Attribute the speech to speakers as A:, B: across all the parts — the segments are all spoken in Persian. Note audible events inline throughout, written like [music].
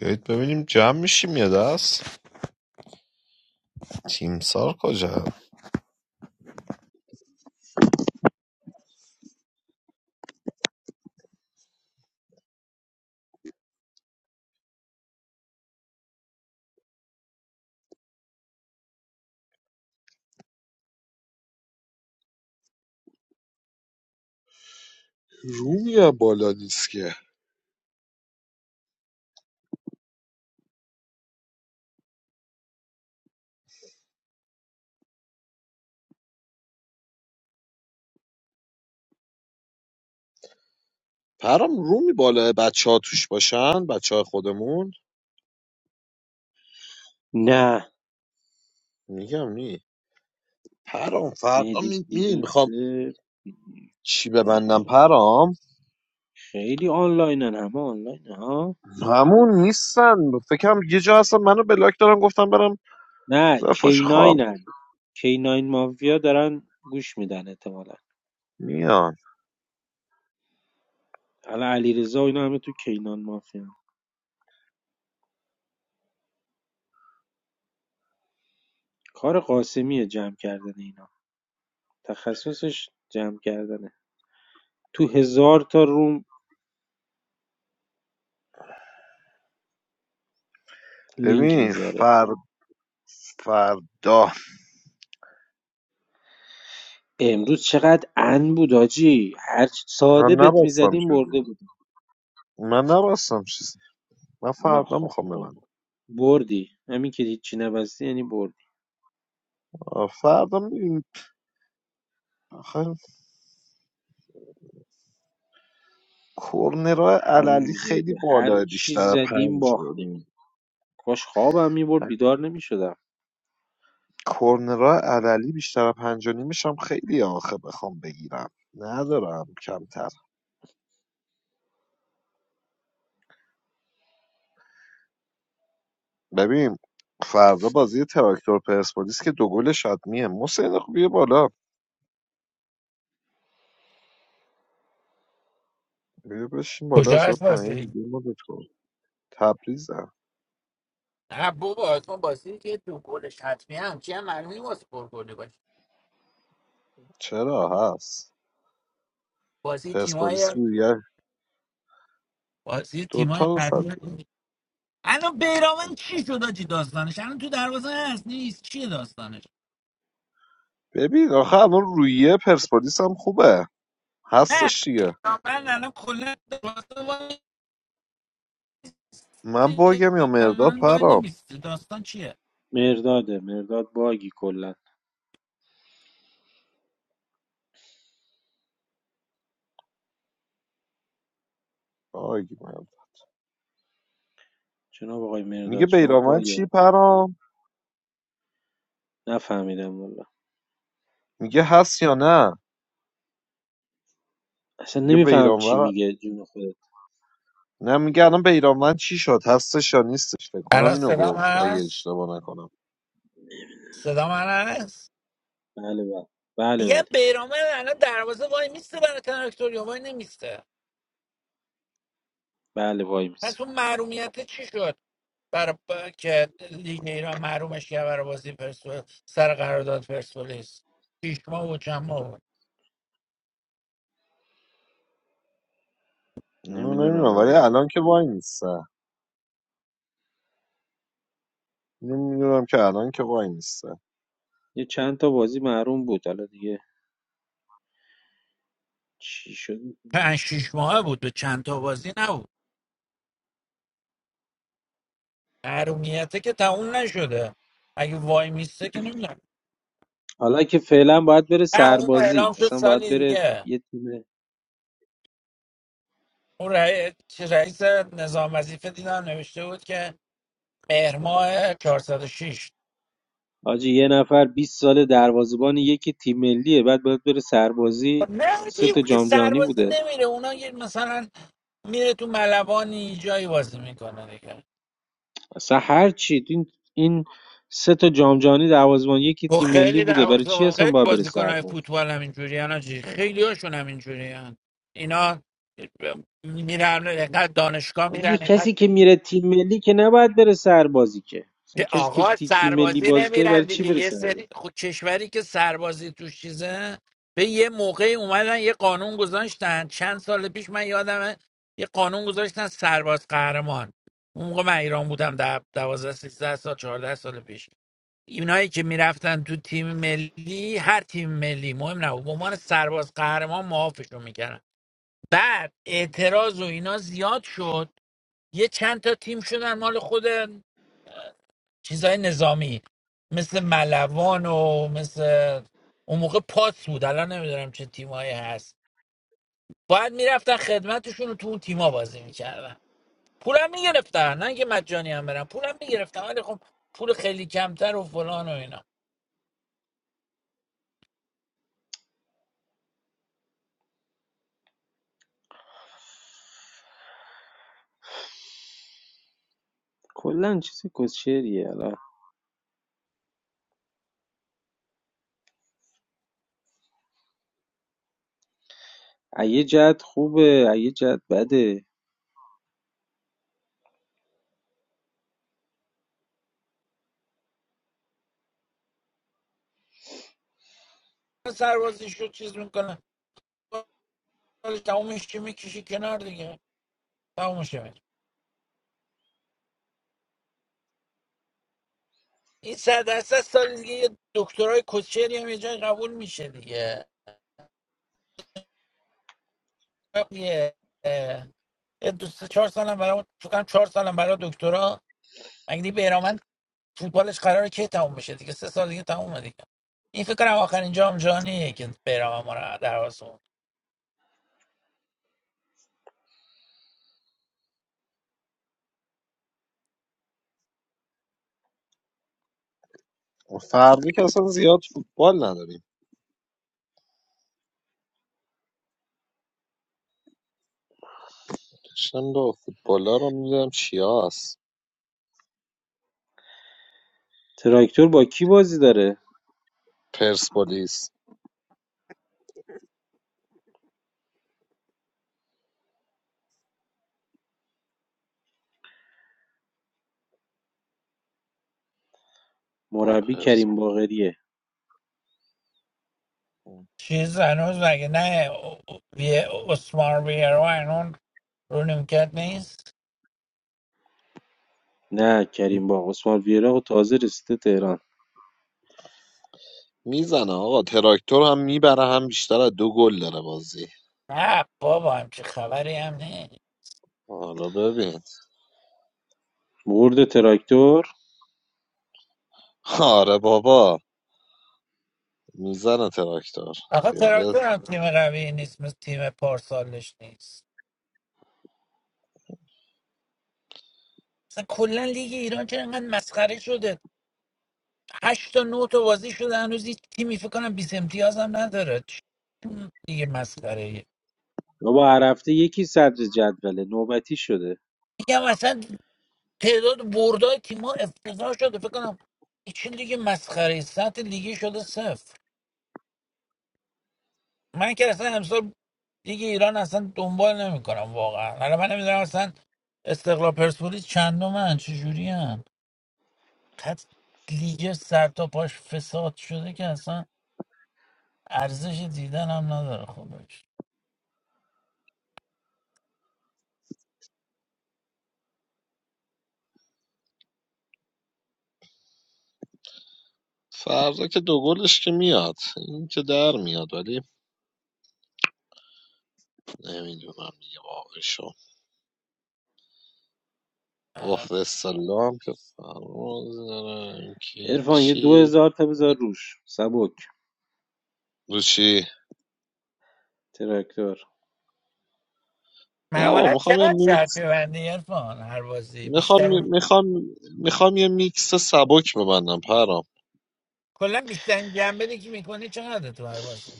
A: بیایید ببینیم جمع میشیم یه دست تیمسار کجا رومی بالا نیست که پرام رومی بالا بچه ها توش باشن بچه های خودمون
B: نه
A: میگم نی پرام فردا
B: مهدی
A: می... می... میخوام
B: فیروزه
A: چی ببندم پرام
B: خیلی آنلاینن همه آنلاین ها
A: همون نیستن فکرم یه جا هستن منو بلاک دارم گفتم برم
B: نه
A: زفاش خواب
B: کیناینن کیناین مافیا دارن گوش میدن احتمالا
A: میان
B: الان علیرضا و اینا همه تو کینان مافیا کار قاسمیه جمع کردن اینا تخصصش جمع کردنه تو هزار تا روم لینک
A: ببین
B: میذاره
A: فر... فردا
B: امروز چقدر ان بود آجی هر چی
A: من
B: ساده بت
A: نبستم
B: میزدیم
A: چیزی
B: برده بود
A: من نبستم چیزی من
B: ما
A: فردا
B: خب-
A: میخوام
B: خب،
A: ببندم
B: بردی همین که هیچی نبستی یعنی بردی
A: آه، فردا میبینیم کرنرهای عللی
B: هرون
A: خیلی
B: زوده هر
A: بالاه
B: چی
A: بیشتر از
B: زدیم
A: پنج و
B: باختیم
A: نیم
B: کاش خوابم میبرد بیدار نمیشدم
A: کرنرهای عللی بیشتر از پنج و نیمش هم خیلی آخه بخوام بگیرم ندارم کمتر ببین فردا بازی تراکتور پرسپولیس که دو گل شاد میه حسین خب بیا بالا بیا بشین بالا
C: کجا
A: چرا
C: هست
A: پایین
C: بازی
A: بیا مدت کن تبریزم
C: نه بابا اصلا بازی که دو گلش حتمی همچی هم معلومی واسه پرگلی باشه
A: چرا هست
C: بازی تیمای
A: پرسپولیس رویه
C: بازی تیمای
A: دوتا صد
C: قوی الان بیرامن چی شد آجی داستانش الان تو دروازه هست نیست چیه داستانش
A: ببین آخه الان رویه پرسپولیس هم خوبه
C: نه
A: هستش دیگه
C: بیرامن الان کلا دروازه وای
A: من
C: وایسه.
A: باگم یا مرداد
C: الان وای
A: پرام
C: نمیسته داستان چیه
B: مرداده مرداد باگی کلا
A: آرگومنت
B: جناب آقای
A: میگه
B: مرداد شما
A: بیرانوند
B: باگه
A: چی پرام
B: نفهمیدم والا
A: میگه هست یا نه
B: اصلا
A: میگه
B: نمیفهم چی
A: بیرانوند
B: میگه جون خودت
A: نه میگه الان بیرانوند چی شد هستش یا نیستش فکر کنم
C: الان
A: اینو
C: صدام
A: گفت اگه
C: هست
A: اشتباه نکنم
C: صدام هست
B: بله بله بله
C: میگم
B: بله
C: بیرامن الان دروازه وای میسته برای تراکتوریو وای نمیسته
B: بله وای میسه
C: پس اون محرومیت چی شد برای ب- که لیگ ایران محرومش کرد برای بازی پرسپولیس سر قرارداد پرسپولیس شیش ماه بود چند ماه بود
A: اینو
B: نمیدونم
A: نمیدونم ولی
B: والا
A: الان که وای نیسته اینو میدونم که الان که وای نیسته
B: یه چند تا بازی محروم بود حالا دیگه چی شد
C: پنج شیش ماه بود به چند تا بازی نبود محرومیته که تموم نشده اگه وای میسته که نمیدونم
B: حالا که فعلا باید بره
C: نه اون
B: سربازی
C: اعلام شد
B: اصلا باید
C: سالی
B: بره
C: دیگه
B: یه تیم
C: اون رئی- چه رئیس نظام وظیفه دیدم نوشته بود که مهر ماه 406
B: حاجی یه نفر 20 سال دروازه‌بان یکی تیم ملیه بعد باید بره سربازی
C: نه
B: سه
C: دیگه اون
B: تا
C: که
B: جام جهانی
C: سربازی
B: بوده
C: نمیره اونا یه مثلا میره تو ملوانی جایی بازی میکنه دیگه
B: اصلا هر چی این این سه تا جام جهانی دروازه‌بان یکی
C: و
B: تیم ملی
C: خیلی
B: بوده برای چی
C: دروازه
B: اصلا
C: خیلی
B: باید بره
C: بازیکن های
B: سرباز
C: فوتبال هم اینجوری هن آجی. خیلی هاشون هم اینجوری هن. اینا میرن اینقدر دانشگاه
B: و دیگه
C: میرن اینقدر
B: کسی که میره تیم ملی که نباید بره سربازی که اصلا
C: که
B: کسی که
C: آقا
B: تی تیم ملی
C: سربازی
B: بازی کرده برای
C: نمیرن
B: چی
C: دیگه
B: بره
C: یه
B: سرباز
C: سری خود کشوری که سربازی توش چیزه به یه موقعی اومدن یه قانون گذاشتن چند سال پیش من یادمه یه قانون گذاشتن سرباز قهرمان اون موقع من ایران بودم در 12 13 سال 14 سال پیش اینایی که میرفتن تو تیم ملی هر تیم ملی مهم نبود به عنوان سرباز قهرمان معافشون میکردن بعد اعتراض و اینا زیاد شد یه چند تا تیم شدن مال خود چیزای نظامی مثل ملوان و مثل اون موقع پاس بود الان نمیدونم چه تیمایی هست باید میرفتن خدمتشون رو تو اون تیما بازی میکردن پولم میگرفتن نه اینکه مجانی هم برن پولم میگرفتن ولی خب پول خیلی کمتر و فلان و اینا
B: کلا چیز کوشریه حالا از یه جهت خوبه از یه جهت بده
C: سربازیشو چیز میکنن سالش تمومش که میکشی کنار دیگه تمومش میشه این صد درصد سال دیگه یه دکترای کوچری هم یه جای قبول میشه دیگه یه یه دو سه چهار سالم برای فکر کنم چهار سالم برای دکترا مگه بهرامند فوتبالش قراره کی تموم بشه دیگه سه سال دیگه تمومه دیگه این فکر کنم آخرین جام جهانیه که بهرام ما رو در آسمون
A: فردا که اصلا زیاد فوتبال نداریم داشتم دو فوتبالا رو میدونم چیا هست
B: تراکتور با کی بازی داره
A: پرسپولیس با
B: مربی کریم
A: پرسپولیس
B: باقریه
C: چیز هنوز مگه نه وی یه اسمار بیرو هنوز رو نیمکت نیست
B: نه کریم با عثمان ویرا تازه رسیده تهران
A: میزنه آقا تراکتور هم میبره هم بیشتر از دو گل داره بازی
C: نه بابا همچه خبری هم نه
A: حالا ببین
B: مرد تراکتور
A: آره بابا میزنه تراکتور
C: آقا
A: خیالت
C: تراکتور هم تیم قوی نیست مثل تیم پارسالش نیست مثلا کلا لیگ ایران چرا انقدر مسخره شده هشت تا نه تا بازی شده هنوز هیچ تیمی فکر کنم 20 امتیاز هم نداره چه دیگه مسخره ایه
B: بابا هر هفته یکی صدر جدوله نوبتی شده
C: میگم اصلا تعداد بردای تیم‌ها افتضاح شده فکر کنم این چه لیگ مسخره ای سطح لیگی شده صفر من که اصلا امسال لیگ ایران اصلا دنبال نمیکنم واقعا حالا من نمیدونم اصلا استقلال پرسپولیس چندمن چه جوری‌ان؟ انقدر لیگ سر تا پاش فساد شده که اصلا ارزش دیدن هم نداره خودش
A: فردا که دو گلش که میاد این که در میاد ولی نمیدونم دیگه واقعشو اوف سلام که فرمز دارم که
B: عرفان یه دو
A: هیچی
B: هزار تا بذار روش سبک
A: رو چی؟
B: تراکتور
A: نه با
C: معمولا
A: میخوام یه
C: چقدر شرط
A: میکس
C: ببندی عرفان هر بازی
A: میخوام
C: بیشتر
A: میخوام میخوام یه میکس سبک ببندم پرام
C: کلا بیشتر جنبه که میکنی چقدر تو هر بازی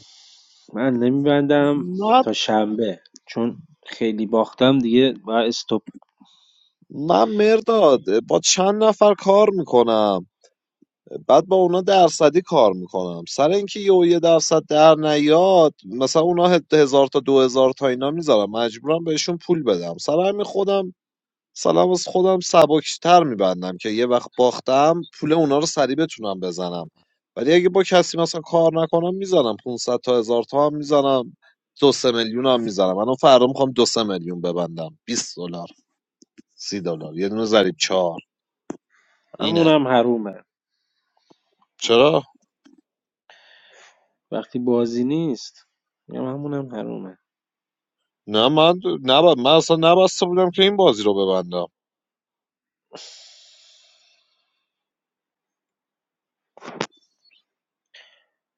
B: من نمیبندم
A: نه
B: تا شنبه چون خیلی باختم دیگه و استوب
A: من مرداد با چند نفر کار میکنم بعد با اونا درصدی کار میکنم سر اینکه یه و یه درصد در نیاد مثلا اونا هد- هزار تا دو هزار تا اینا میذارم مجبورم بهشون پول بدم سر همین خودم سلام از خودم سبکتر میبندم که یه وقت باختم پول اونا رو سریع بتونم بزنم ولی اگه با کسی مثلا کار نکنم میزنم 500 تا هزار تا هم میزنم دو سه میلیون هم میزنم من فردا میخوام دو سه میلیون ببندم 20 دلار 30 دلار یه دونه ضریب چهار اینه
B: همونم حرومه
A: چرا
B: وقتی بازی نیست میگم همونم حرومه
A: نه من نب... من اصلا نبسته بودم که این بازی رو ببندم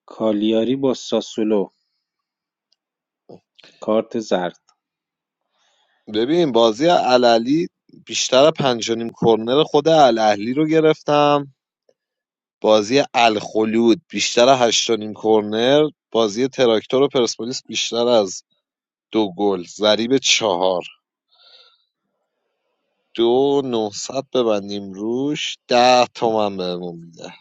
B: کالیاری با ساسولو کارت زرد
A: ببین بازی الاهلی بیشتر از پنج و کرنر خود الاهلی رو گرفتم بازی الخلود بیشتر از هشت و کرنر بازی تراکتور و پرسپولیس بیشتر از دو گل ضریب چهار دو نهصد ببندیم روش ده تومن بهمون میده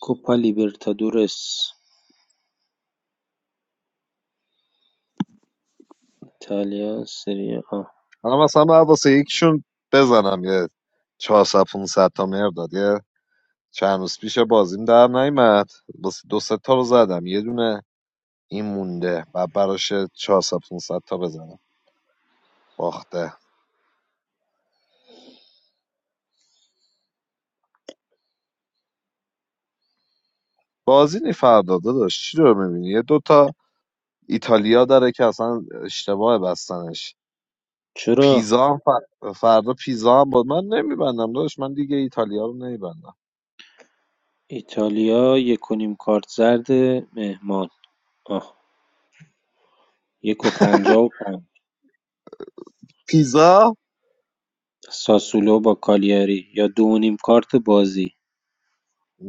B: کوپا لیبرتادورس ایتالیا سری آ
A: حالا مثلا باید واسه یکشون بزنم یه 400 500 تا مقدار یه چند روز پیش بازیم در نیمد دو سه تا رو زدم یه دونه این مونده و براش 400 500 تا بزنم باخته بازی نی فردا داشت چی رو میبینی یه دوتا ایتالیا داره که اصلا اشتباه بستنش
B: چرا
A: پیزا هم فر- فردا پیزا هم بود من نمیبندم داشت من دیگه ایتالیا رو نمیبندم
B: ایتالیا یک و نیم کارت زرد مهمان آه یک و پنجاه و پنج
A: پیزا
B: ساسولو با کالیاری یا دو و نیم کارت بازی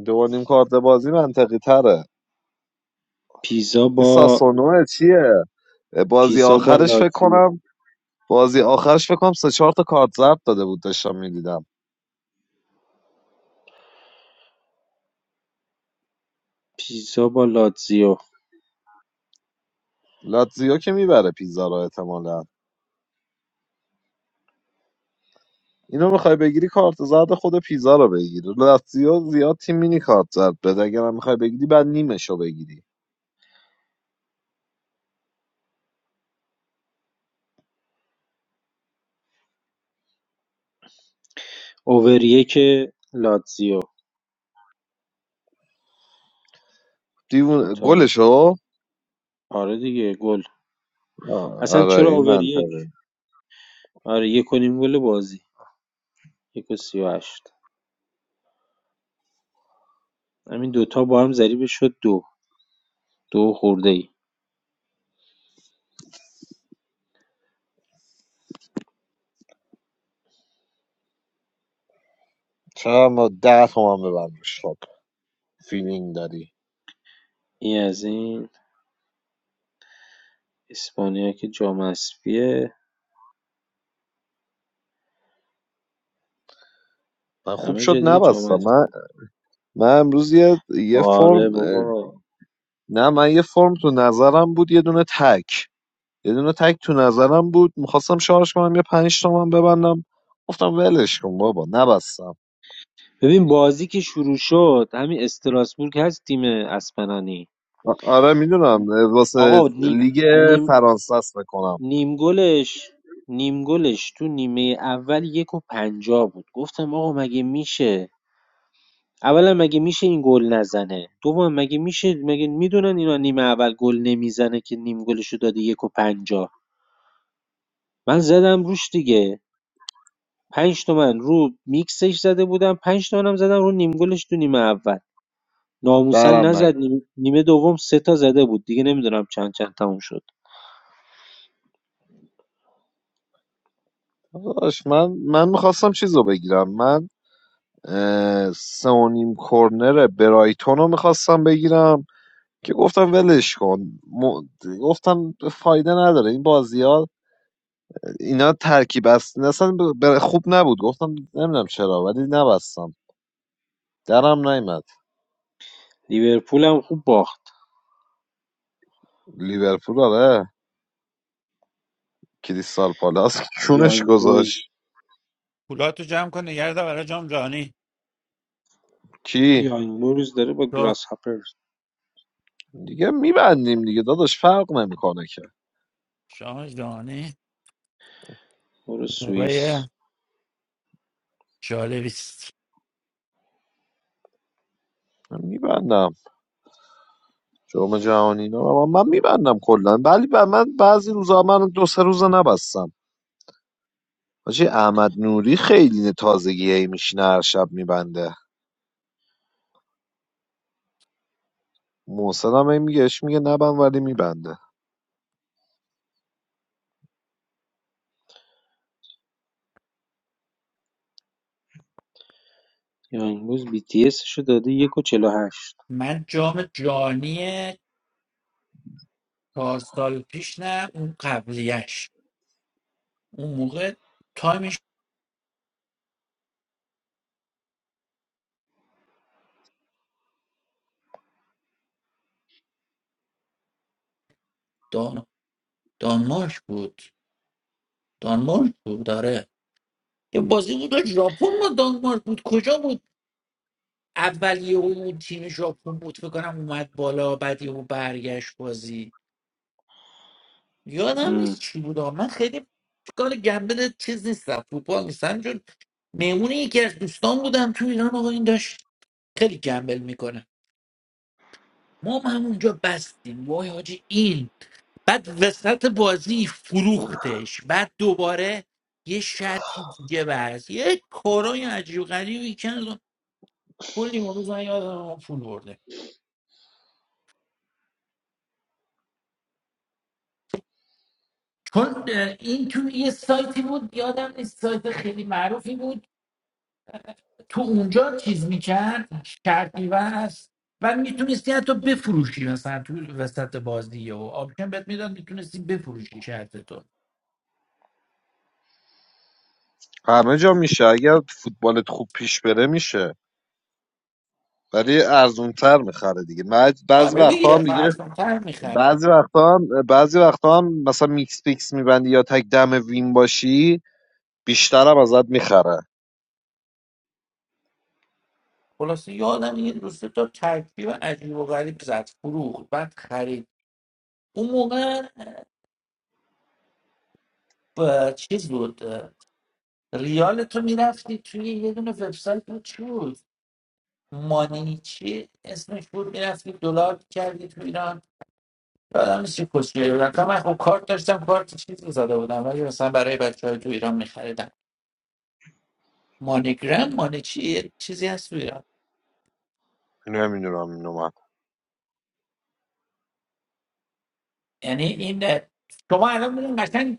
A: دو و نیم کارت بازی منطقی تره
B: پیزا
A: این
B: با
A: ساسونوه چیه بازی
B: پیزا با
A: آخرش فکر
B: لاتزیو
A: کنم بازی آخرش فکر کنم سه چهار تا کارت زرد داده بود داشتم میدیدم
B: پیزا با لاتزیو
A: لاتزیو که میبره پیزا رو احتمالا اینو میخوای بگیری کارت زرد خود پیزا رو بگیر لاتزیو زیاد تیم مینی کارت زرد بده اگرم میخوای بگیری بعد نیمشو بگیری
B: اوور یک لاتزیو
A: دیوون
B: توتال
A: گلشو
B: آره دیگه گل
A: آه،
B: اصلا
A: آره
B: چرا
A: این
B: اوور یک
A: منطقه
B: آره یک و نیم گل بازی یک و سی و هشت همین دوتا با هم ضریبه شد دو دو خورده ای
A: چرا ما ده تومن ببرم خب فیلینگ داری
B: این از این اسپانیا که جام حذفیه
A: من خوب
B: همه
A: شد
B: جا دیگه جام
A: نبستم من
B: حذفیه
A: من امروز یه, یه
B: آره
A: فرم اه،
B: بابا
A: نه من یه فرم تو نظرم بود یه دونه تک یه دونه تک تو نظرم بود میخواستم شارژ کنم یه پنج تومن ببندم گفتم ولش کن بابا نبستم
B: ببین بازی که شروع شد همین استراسبورگ هست تیم اسپنانی
A: آره میدونم واسه
B: آقا نیم
A: لیگ
B: نیم
A: فرانسه است بکنم
B: نیم گلش نیم گلش تو نیمه اول یک و پنجاه بود گفتم آقا مگه میشه اولا مگه میشه این گل نزنه دوم مگه میشه مگه میدونن اینا نیمه اول گل نمیزنه که نیم گلشو داده یک و پنجاه من زدم روش دیگه پنج تومن رو میکسش زده بودم پنج تومنم زدم رو نیم گلش تو نیمه اول ناموسا
A: درم نیم
B: نزد نیمه, نیمه دوم سه تا زده بود دیگه نمیدونم چند چند تموم شد
A: داداش، من من میخواستم چیز رو بگیرم من اه، سه و نیم کرنر برایتون رو میخواستم بگیرم که گفتم ولش کن م... گفتم فایده نداره این بازی اینا ترکیب است اصلا ب- ب- خوب نبود گفتم نمیدونم چرا ولی نبستم درم نیمد
B: لیورپول هم خوب باخت
A: لیورپول آره کریستال پالاس [laughs] چونش
B: یانگ بویز
A: گذاشت
C: پولاتو جمع کن نگرد برای جام جهانی
A: کی
B: یانگ بویز داره با
C: تو
B: گراس هاپرز
A: دیگه میبندیم دیگه داداش فرق نمیکنه که
C: جام جهانی
B: برو سوئیس
C: موقع جالبی است
A: من میبندم جام جهانی اینا رو من میبندم کلا ولی ب- من بعضی روزا من دو سه روزا نبستم حاجی احمد نوری خیلی تازگی هی میشینه هر شب میبنده محسن هم هی میگه اش میگه نبند ولی میبنده
B: یانگ بویز بی تی رو داده یک و چلو هشت
C: من جام جهانی چهار سال پیش نه اون قبلیش اون موقع تایمش دان... دانمارک بود دانمارک بود داره یه بازی بود و ژاپن ما دانمارک بود کجا بود اول یه اون تیم ژاپن بود فکر کنم اومد بالا بعد یه برگشت بازی یادم نیست
B: ام،
C: چی بود آقا. من خیلی کار گمبل چیز نیستم فوتبال نیستم چون مهمون یکی از دوستان بودم تو ایران آقا این داشت خیلی گمبل میکنه ما هم همونجا بستیم وای حاجی این بعد وسط بازی فروختش بعد دوباره یه شرطی دیگه برز یه کارای عجیب غریبی کرد کلی اون روز من یادم پول برده چون اه، این تو یه سایتی بود یادم نیست سایت خیلی معروفی بود تو اونجا چیز میکرد شرط میبست و میتونستی حتی بفروشی مثلا تو وسط بازی و آپشن بهت میداد میتونستی بفروشی شرط تو
A: همه جا میشه اگر فوتبالت خوب پیش بره میشه ولی ارزون تر میخره دیگه بعض- بعضی
C: آره
A: وقتا
C: میگه
A: هم دیگه
C: تر میخره
A: بعضی وقتا هم بعضی وقتا هم مثلا میکس پیکس میبندی یا تک دم وین باشی بیشتر هم ازت میخره
C: خلاصه یادم یه دوست تا ترکیب عجیب و غریب زد فروخت بعد خرید اون موقع اه، چیز بود اه، ریال تو میرفتی توی یه دونه وبسایت بود، چی بود مانی چی اسمش بود میرفتی دلار کردی تو ایران یادم نیست چه کسچه بود من خب کارت داشتم کارت چیز رو زده بودم ولی مثلا برای بچه های تو ایران میخریدم مانیگرام مانی چی یه چیزی هست تو ایران
A: نمیدونم اینو من
C: یعنی این اه، شما الان میرین قشنگ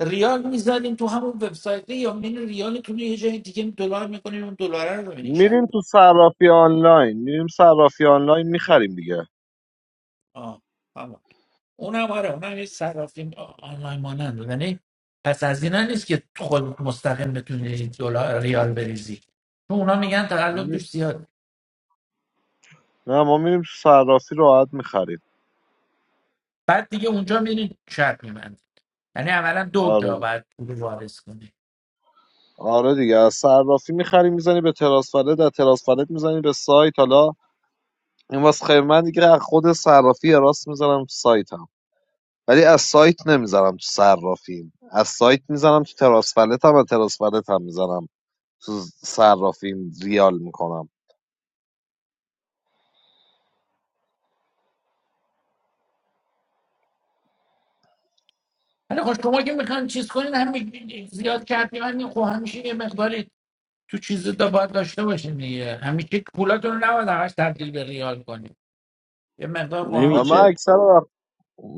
C: ریال میزدین تو همون وبسایت یا میرین ریالتون رو یه جای دیگه دلار میکنین اون دلار رو ببینین شب
A: میریم تو صرافی آنلاین میریم صرافی آنلاین میخریم دیگه
C: آه اونم آره اونم یه صرافی آ- آنلاین مانند یعنی پس از اینا نیست که خود مستقیم بتونی دلار ریال بریزی چون اونا میگن تقلب توش زیاد
A: نه ما میریم تو صرافی راحت میخریم
C: بعد دیگه اونجا میری شرط میبندی یعنی اولا دو
A: آره
C: جا باید پول وارد کنی
A: آره دیگه از صرافی میخری میزنی به تراس فلت از تراس فلت میزنی به سایت حالا این واسه خیلی من دیگه از خود صرافی راست میزنم تو سایتم ولی از سایت نمیزنم تو صرافیم از سایت میزنم تو تراس فلت هم از تراس فلت هم میزنم تو صرافیم ریال میکنم
C: حالا خب شما که میخوان چیز کنین هم می- زیاد کرد میبندین خب همیشه یه مقداری تو چیز دا باید داشته باشین دیگه همیشه پولاتون رو نباید همش تبدیل به ریال کنین یه مقدار خب
A: آره
C: همش
A: من
B: نمیشه
A: اکثر وقت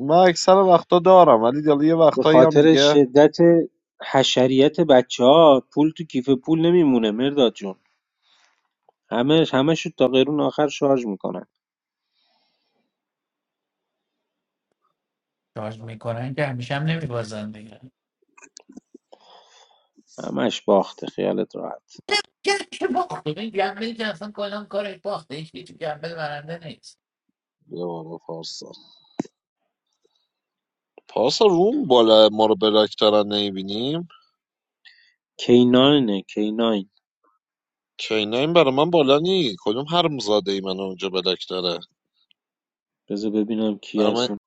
A: من اکثر وقتا دارم ولی حالا یه
B: به
A: وقتایی هم
B: خاطر
A: دیگه
B: شدت حشریت بچه ها پول تو کیف پول نمیمونه مرداد جون همه همه شو تا قرون آخر شارژ میکنن
C: چارج میکنن که همیشه هم نمیبازن دیگه
B: همش باخته خیالت راحت
C: کرد که باخت این گمبل که اصلا کلم کارش باخته این که تو گمبل برنده نیست
A: بیا بالا پارسا پارسا روم بالا ما رو بلاک دارن نمیبینیم
B: کیناینه کیناین
A: کینا این برا من بالا نی کدوم حرم زاده ای من اونجا بلاک داره
B: بذار ببینم کی
A: برا من,
B: هستون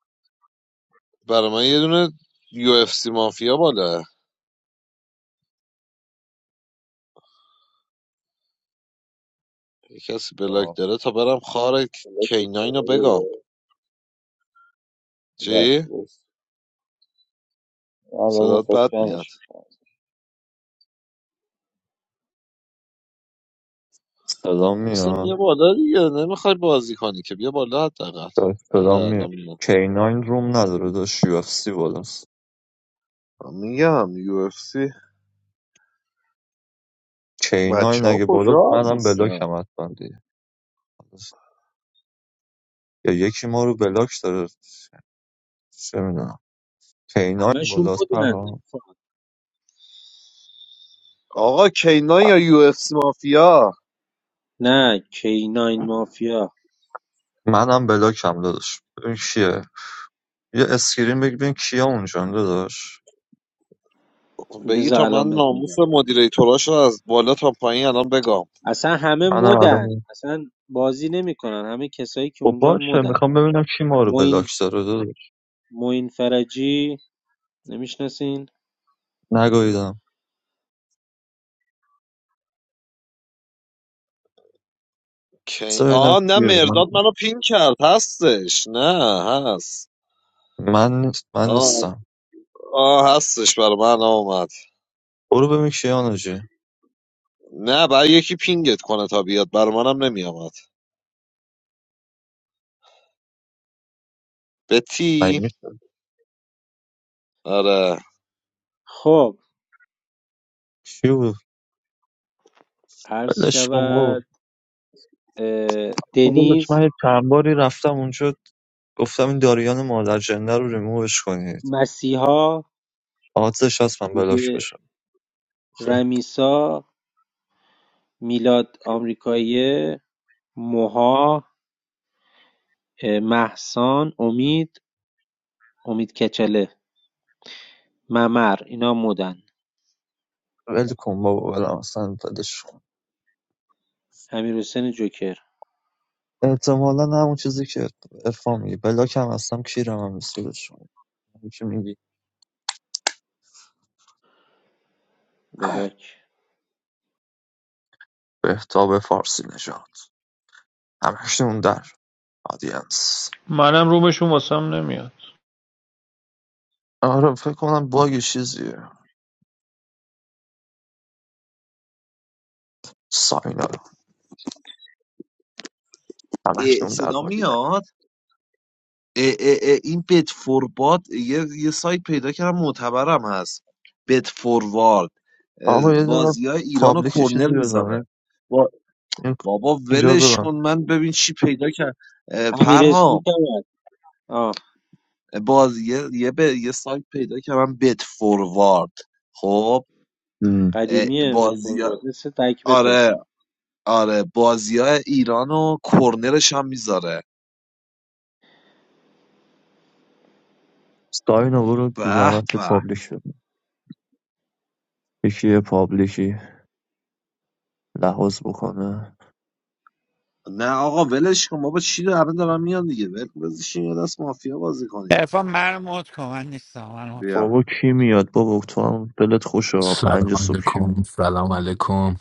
A: برا من یه دونه یو اف سی مافیا بالا یه کسی بلاک
D: آه،
A: داره تا برم خار
D: بلاکت
A: کینا اینو بگم
D: داره. راست
A: چی؟
D: راست الان
A: صدات
D: واسه
A: بد میاد
D: جمعش میکنم صدا
A: محسن
D: میاد
A: بیا بالا دیگه نمیخوای بازی کنی که بیا بالا حداقل آره
D: صدا
A: الان
D: میاد
A: میام.
D: K9 روم نداره داشت UFC بالاست
A: میگم یو اف سی
D: K9
A: بچه ها
D: اگه بالاست
A: کجا
D: منم
A: نیستن
D: بلاکم حتما دیگه یا یکی ما رو بلاک داره چه میدونم K9
B: همشون
D: بالاست
B: بودن
D: پرام
B: نمی‌فهمم.
A: آقا کینا یا یو اف سی مافیا
B: نه کیناین مافیا
D: منم بلاکم داداش ببین کیه یه اسکرین بگیر ببین کیا اونجا داداش
A: بگی
B: بذار
A: تا من
B: الان بهت
A: ناموس
B: میگم
A: مدیریتوراش رو از بالا تا پایین الان بگم
B: اصلا همه
D: منم
B: مدن
D: الان
B: اصلا بازی نمیکنن همه کسایی که
D: خب
B: اونجا
D: باشه
B: مدن
D: میخوام ببینم کی ما رو بلاک
B: موین
D: داره داداش
B: موین فرجی نمیشناسین
D: نگاهیدم
A: کی
D: سر اینا
A: آ نه
D: کیه
A: مرداد منو پین کرد هستش نه هست
D: من نیست من
A: آه
D: نیستم
A: آه هستش برا من آمد
D: برو ببین کیان آجی
A: نه برای یکی پینگت کنه تا بیاد برا منم نمیآمد
D: مگه
A: بتی
D: میشه
A: آره
B: خب
D: کی بود
B: عرض
D: ولش کن برو
B: شود اه،
D: داداش
B: دنیز
D: من یه چند باری رفتم اونجا گفتم این داریان مادر جنده رو ریمووش کنید
B: مسیحا
D: آتش هست من بلاک
B: دیگه
D: بشم
B: رمیسا میلاد آمریکایی موها مهسان امید امید کچله ممر اینا مدن
D: ول کن بابا ولم اصلا ولش کن
B: امیر حسین جوکر
D: احتمالا همون چیزی که ارفان میگه بلاک هم هستم کیرم هم نیست ولش کن همین که میگی
B: بلاک
D: بهتاب فارسی نژاد همشون در آدینس
E: منم رومشون واسم نمیاد
D: آره فکر کنم باگ چیزیه ساینا
A: اه،
D: همکنون در
A: صدا
D: حال دیدن
A: میاد اه اه اه این بت فورباد یه یه سایت پیدا کردم معتبرم هست بت فوروارد
D: آقا یه دونه
A: بازی های ایران و
D: پابلیک یه چیزی
A: کرنر
D: بزنم
A: میذاره
D: این
A: با...
D: این-
A: بابا
D: اینجا رو
A: ولش
D: ببند.
A: کن من ببین چی پیدا کرد
B: امیر
A: پرهام
B: اسمی که آه
A: بازی یه یه, به- یه سایت پیدا کردم بت فوروارد خب
D: ام.
A: اه،
B: قدیمیه بهت قول
A: بازی ها-
B: باد مثل تکبته
A: آره آره بازی های ایران و کرنرش هم میذاره
D: ساینا برو
A: به
D: زحمت
A: به
D: پابلیک بزن یکی یه پابلیکی لحاظ بکنه
A: نه آقا ولش کن بابا چی رو الان دارم میان دیگه ول کن، بذارشین یه دست مافیا بازی کنیم
C: ارفان من رو مد کن من نیستم
A: بیا
D: بابا کی میاد بابا تو هم دلت خوشه آقا.
F: Assalamu
D: پنج صبح
F: alaikum. Assalamu alaikum.